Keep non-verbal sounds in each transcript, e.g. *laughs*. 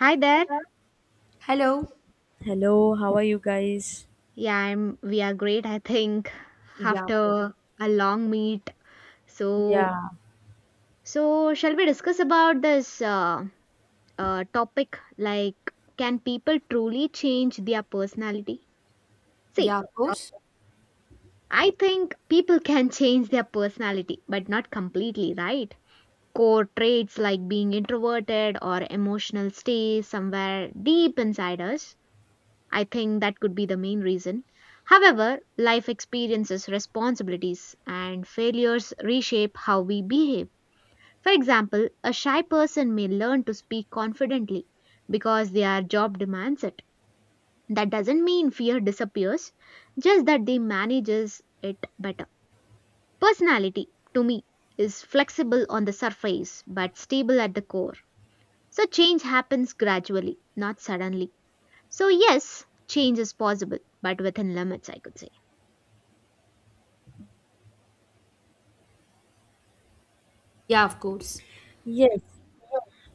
Hi there. Hello. Hello, how are you guys? Yeah, I'm We are great, I think, Yeah, after a long meet. So, Yeah. so, shall we discuss about this topic like can people truly change their personality? yeah, See, of course. I think people can *laughs* change their personality, but not completely, right? Core traits like being introverted or emotional stay somewhere deep inside us. I think that could be the main reason. However, life experiences, responsibilities, and failures reshape how we behave. For example, a shy person may learn to speak confidently because their job demands it. That doesn't mean fear disappears, just that they manages it better. Personality, to me, is flexible on the surface but stable at the core. So change happens gradually, not suddenly. So, yes, change is possible, but within limits, I could say. Yeah, of course. Yes.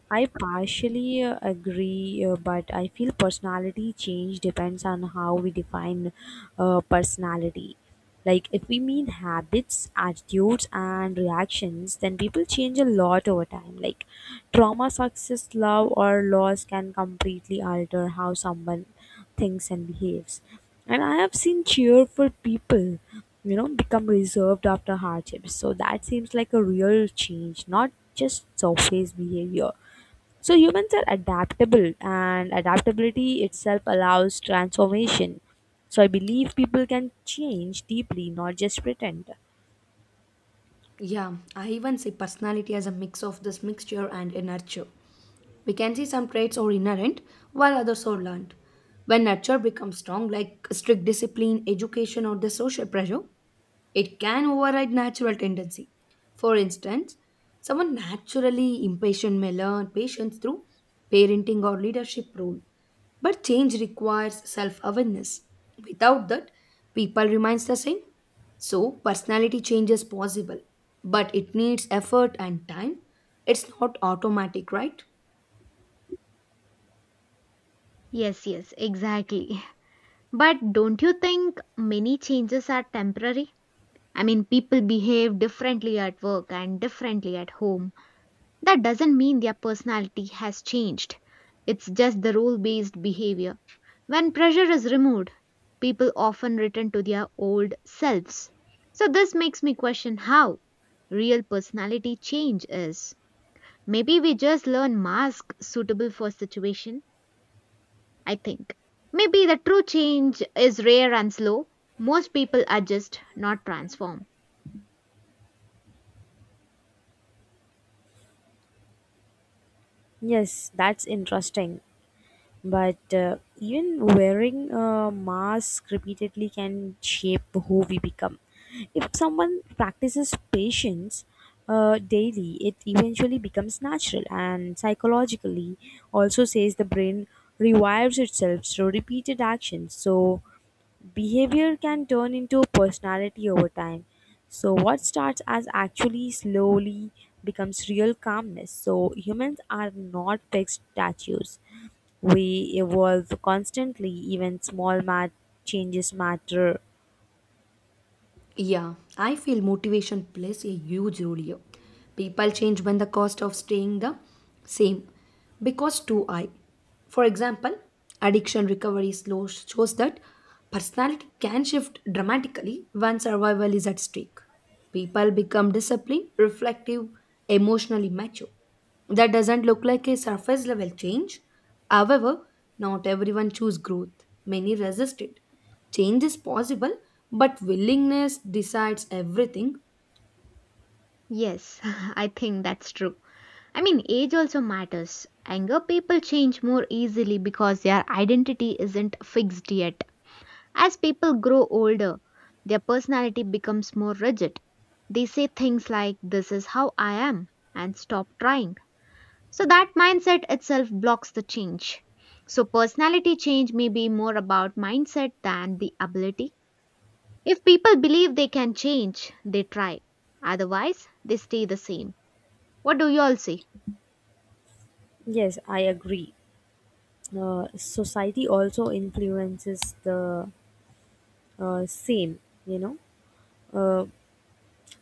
I partially agree, but I feel personality change depends on how we define personality. Like, if we mean habits, attitudes, and reactions, then people change a lot over time. Like, trauma, success, love, or loss can completely alter how someone thinks and behaves. And I have seen cheerful people, you know, become reserved after hardships. So that seems like a real change, not just surface behavior. So humans are adaptable, and adaptability itself allows transformation. So I believe people can change deeply, not just pretend. Yeah, I even see personality as a mix of this mixture and nurture. We can see some traits are inherent, while others are learned. When nurture becomes strong, like strict discipline, education, or the social pressure, it can override natural tendency. For instance, someone naturally impatient may learn patience through parenting or leadership role, but change requires self awareness. Without that, people remains the same. So, personality change is possible, but it needs effort and time. It's not automatic, right? Yes, yes, exactly. *laughs* But don't you think many changes are temporary? I mean, people behave differently at work and differently at home. That doesn't mean their personality has changed. It's just the role based behavior. When pressure is removed, people often return to their old selves. So, this makes me question how real personality change is. Maybe we just learn mask suitable for situation, I think. Maybe the true change is rare and slow. Most people adjust, not transform. Yes, that's interesting. But even wearing a mask repeatedly can shape who we become. If someone practices patience daily, it eventually becomes natural, and psychologically also says the brain rewires itself through repeated actions. So behavior can turn into personality over time. So, what starts as actually slowly becomes real calmness. So, humans are not fixed statues. We evolve constantly, even small changes matter. Yeah, I feel motivation plays a huge role here. People change when the cost of staying the same because too high. For example, addiction recovery slow shows that personality can shift dramatically when survival is at stake. People become disciplined, reflective, emotionally mature. That doesn't look like a surface level change. However, not everyone choose growth. Many resist it. Change is possible, but willingness decides everything. Yes, *laughs* I think that's true. I mean, age also matters. Younger people change more easily because their identity isn't fixed yet. As people grow older, their personality becomes more rigid. They say things like, this is how I am, and stop trying. So that mindset itself blocks the change. So personality change may be more about mindset than the ability. If people believe they can change, they try. Otherwise, they stay the same. What do you all say? Yes, I agree. Society also influences the same, you know. Uh,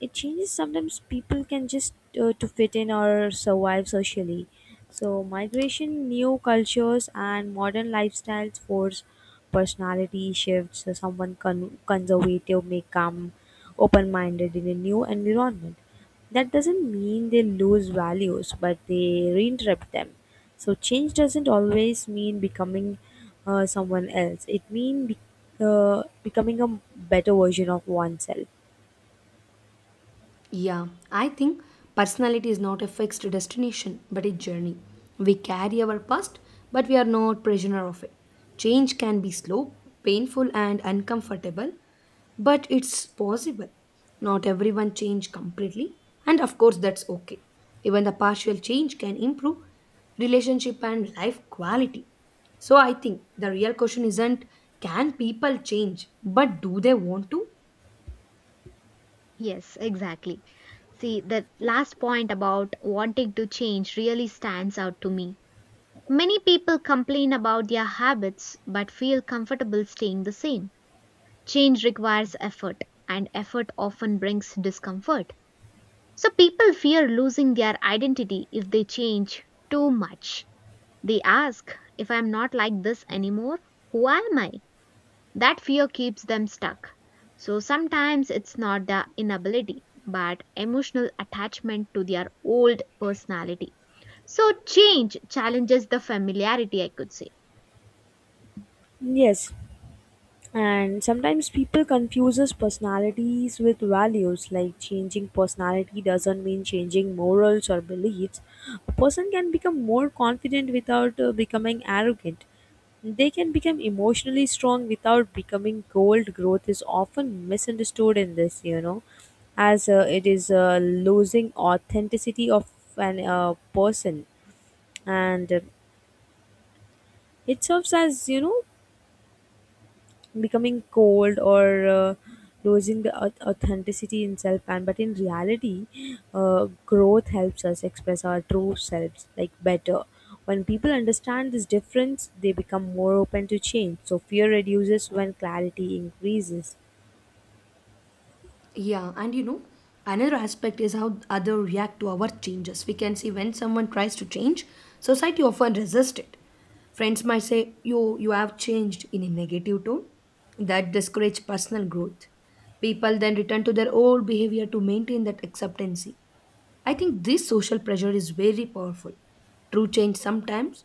it changes. Sometimes people can just to fit in or survive socially. So migration, new cultures, and modern lifestyles force personality shifts. So someone conservative may come open minded in a new environment. That doesn't mean they lose values, but they reinterpret them. So change doesn't always mean becoming someone else, it means becoming a better version of oneself. Yeah, I think personality is not a fixed destination but a journey. We carry our past, but we are not prisoner of it. Change can be slow, painful, and uncomfortable, but it's possible. Not everyone change completely, and of course that's okay. Even the partial change can improve relationship and life quality. So I think the real question isn't can people change, but do they want to? Yes, exactly. See, the last point about wanting to change really stands out to me. Many people complain about their habits but feel comfortable staying the same. Change requires effort, and effort often brings discomfort. So people fear losing their identity if they change too much. They ask, if I'm not like this anymore, who am I? That fear keeps them stuck. So sometimes it's not the inability, but emotional attachment to their old personality. So change challenges the familiarity, I could say. Yes. And sometimes people confuses personalities with values, like changing personality doesn't mean changing morals or beliefs. A person can become more confident without becoming arrogant. They can become emotionally strong without becoming cold. Growth is often misunderstood in this, you know, as it is losing authenticity of an person, and it serves as, you know, becoming cold or losing the authenticity in self. And but in reality, growth helps us express our true selves like better. When people understand this difference, they become more open to change, so fear reduces when clarity increases. Yeah, and you know, another aspect is how others react to our changes. We can see when someone tries to change, society often resists it. Friends might say, "You have changed" in a negative tone. That discourages personal growth. People then return to their old behavior to maintain that acceptancy. I think this social pressure is very powerful. True change sometimes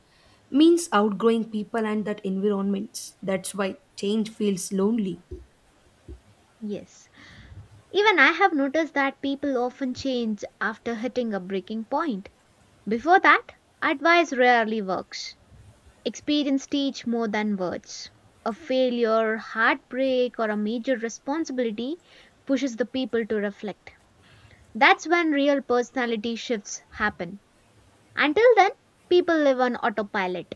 means outgrowing people and that environments. That's why change feels lonely. Yes. Even I have noticed that people often change after hitting a breaking point. Before that, advice rarely works. Experience teach more than words. A failure, heartbreak, or a major responsibility pushes the people to reflect. That's when real personality shifts happen. Until then, people live on autopilot.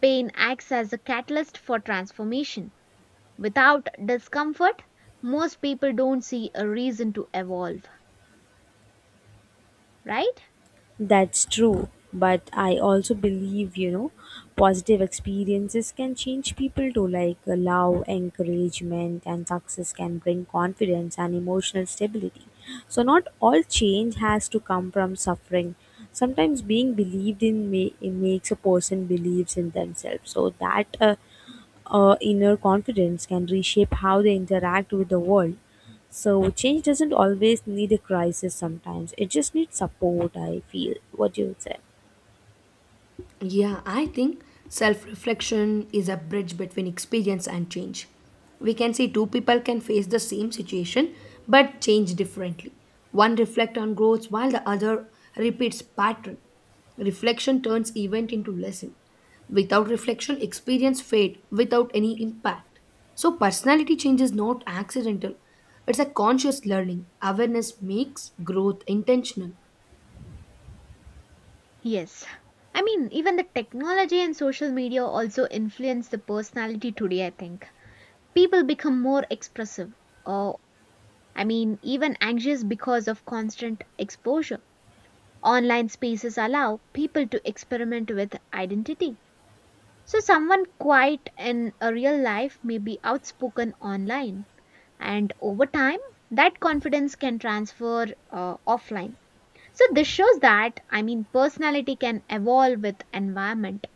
Pain acts as a catalyst for transformation. Without discomfort, most people don't see a reason to evolve, right? That's true, but I also believe, you know, positive experiences can change people too, like love, encouragement, and success can bring confidence and emotional stability. So, not all change has to come from suffering. Sometimes being believed in may, it makes a person believes in themselves. So, that inner confidence can reshape how they interact with the world. So change doesn't always need a crisis sometimes. It just needs support, I feel. What do you say? Yeah, I think self reflection is a bridge between experience and change. We can see two people can face the same situation but change differently. One reflects on growth while the other repeats pattern. Reflection turns event into lesson. Without reflection, experience fade without any impact. So personality change is not accidental. It's a conscious learning. Awareness makes growth intentional. Yes. I mean, even the technology and social media also influence the personality today, I think. People become more expressive, or, I mean, even anxious because of constant exposure. Online spaces allow people to experiment with identity. So, someone quiet in a real life may be outspoken online, and over time, that confidence can transfer offline. So, this shows that, I mean, personality can evolve with environment.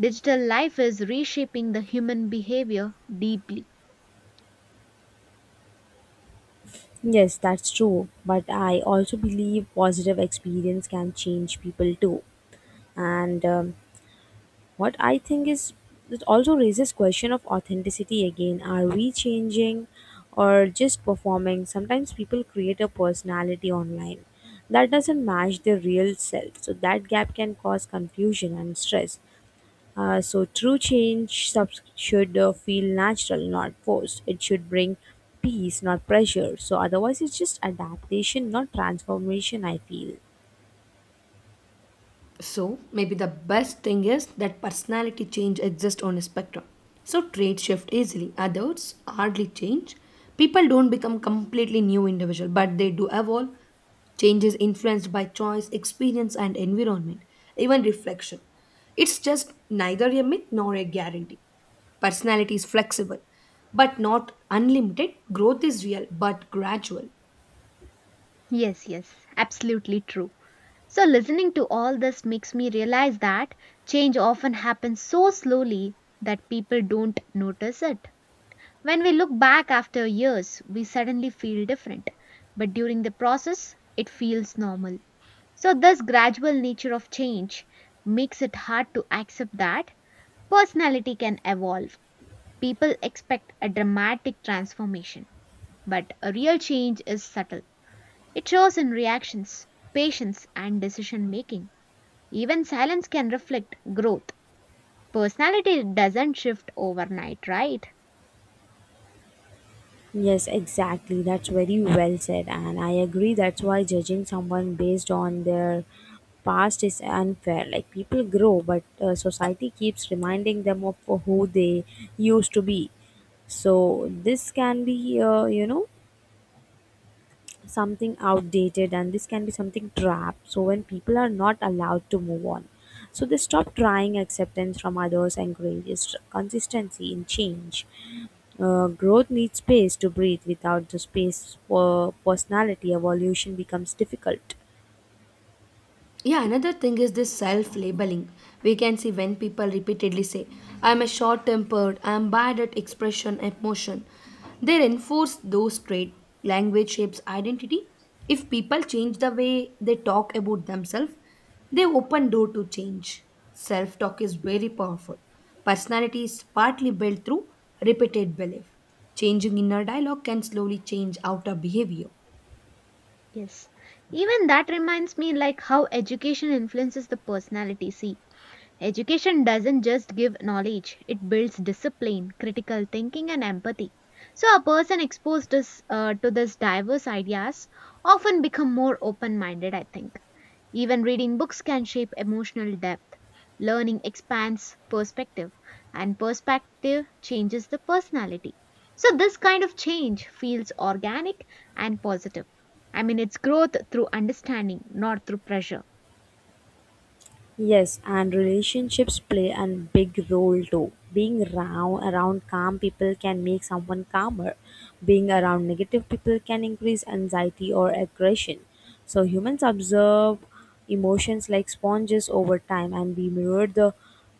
Digital life is reshaping the human behavior deeply. Yes, that's true. But I also believe positive experience can change people too. And what I think is, it also raises question of authenticity again. Are we changing or just performing? Sometimes people create a personality online that doesn't match their real self, so that gap can cause confusion and stress. So true change should feel natural, not forced. It should bring peace, not pressure. So otherwise it's just adaptation, not transformation, I feel. So, maybe the best thing is that personality change exists on a spectrum. So, traits shift easily, others hardly change. People don't become completely new individual, but they do evolve. Change is influenced by choice, experience, and environment, even reflection. It's just neither a myth nor a guarantee. Personality is flexible, but not unlimited. Growth is real, but gradual. Yes, yes, absolutely true. So, listening to all this makes me realize that change often happens so slowly that people don't notice it. When we look back after years, we suddenly feel different, but during the process, it feels normal. So, this gradual nature of change makes it hard to accept that personality can evolve. People expect a dramatic transformation. But a real change is subtle. It shows in reactions, patience, and decision making. Even silence can reflect growth. Personality doesn't shift overnight, right? Yes, exactly. That's very well said. And I agree. That's why judging someone based on their past is unfair. Like people grow, but society keeps reminding them of who they used to be. So this can be, you know, something outdated, and this can be something trap. So when people are not allowed to move on, so they stop trying. Acceptance from others and encourages consistency in change. Growth needs space to breathe. Without the space for personality evolution becomes difficult. Yeah, another thing is this self labeling. We can see when people repeatedly say, I'm a short tempered, I'm bad at expression, emotion. They reinforce those traits. Language shapes identity. If people change the way they talk about themselves, they open door to change. Self talk is very powerful. Personality is partly built through repeated belief. Changing inner dialogue can slowly change outer behavior. Yes. Even that reminds me like how education influences the personality. See, education doesn't just give knowledge, it builds discipline, critical thinking and empathy. So a person exposed this, to this diverse ideas often become more open-minded, I think. Even reading books can shape emotional depth. Learning expands perspective, and perspective changes the personality. So, this kind of change feels organic and positive. I mean, it's growth through understanding, not through pressure. Yes, and relationships play a big role too. Being round, around calm people can make someone calmer. Being around negative people can increase anxiety or aggression. So humans observe emotions like sponges over time, and we mirror the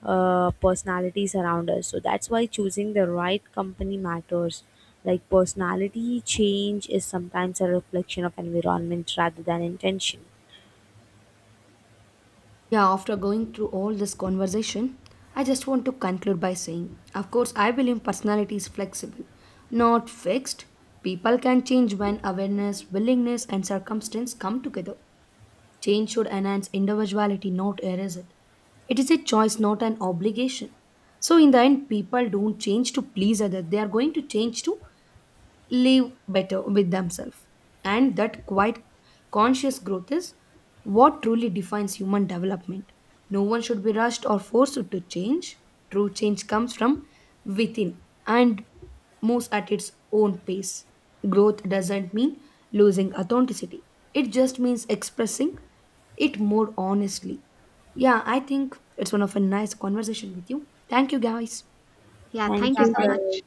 personalities around us. So that's why choosing the right company matters. Like personality change is sometimes a reflection of environment rather than intention. Yeah, after going through all this conversation, I just want to conclude by saying, of course, I believe personality is flexible, not fixed. People can change when awareness, willingness, and circumstance come together. Change should enhance individuality, not erase it. It is a choice, not an obligation. So, in the end, people don't change to please others, they are going to change to live better with themselves. And that quite conscious growth is what truly defines human development. No one should be rushed or forced to change. True change comes from within and moves at its own pace. Growth doesn't mean losing authenticity, it just means expressing it more honestly. Yeah, I think it's one of a nice conversation with you. Thank you, guys. Yeah, thank Thank you Yeah, you so thank guys. much.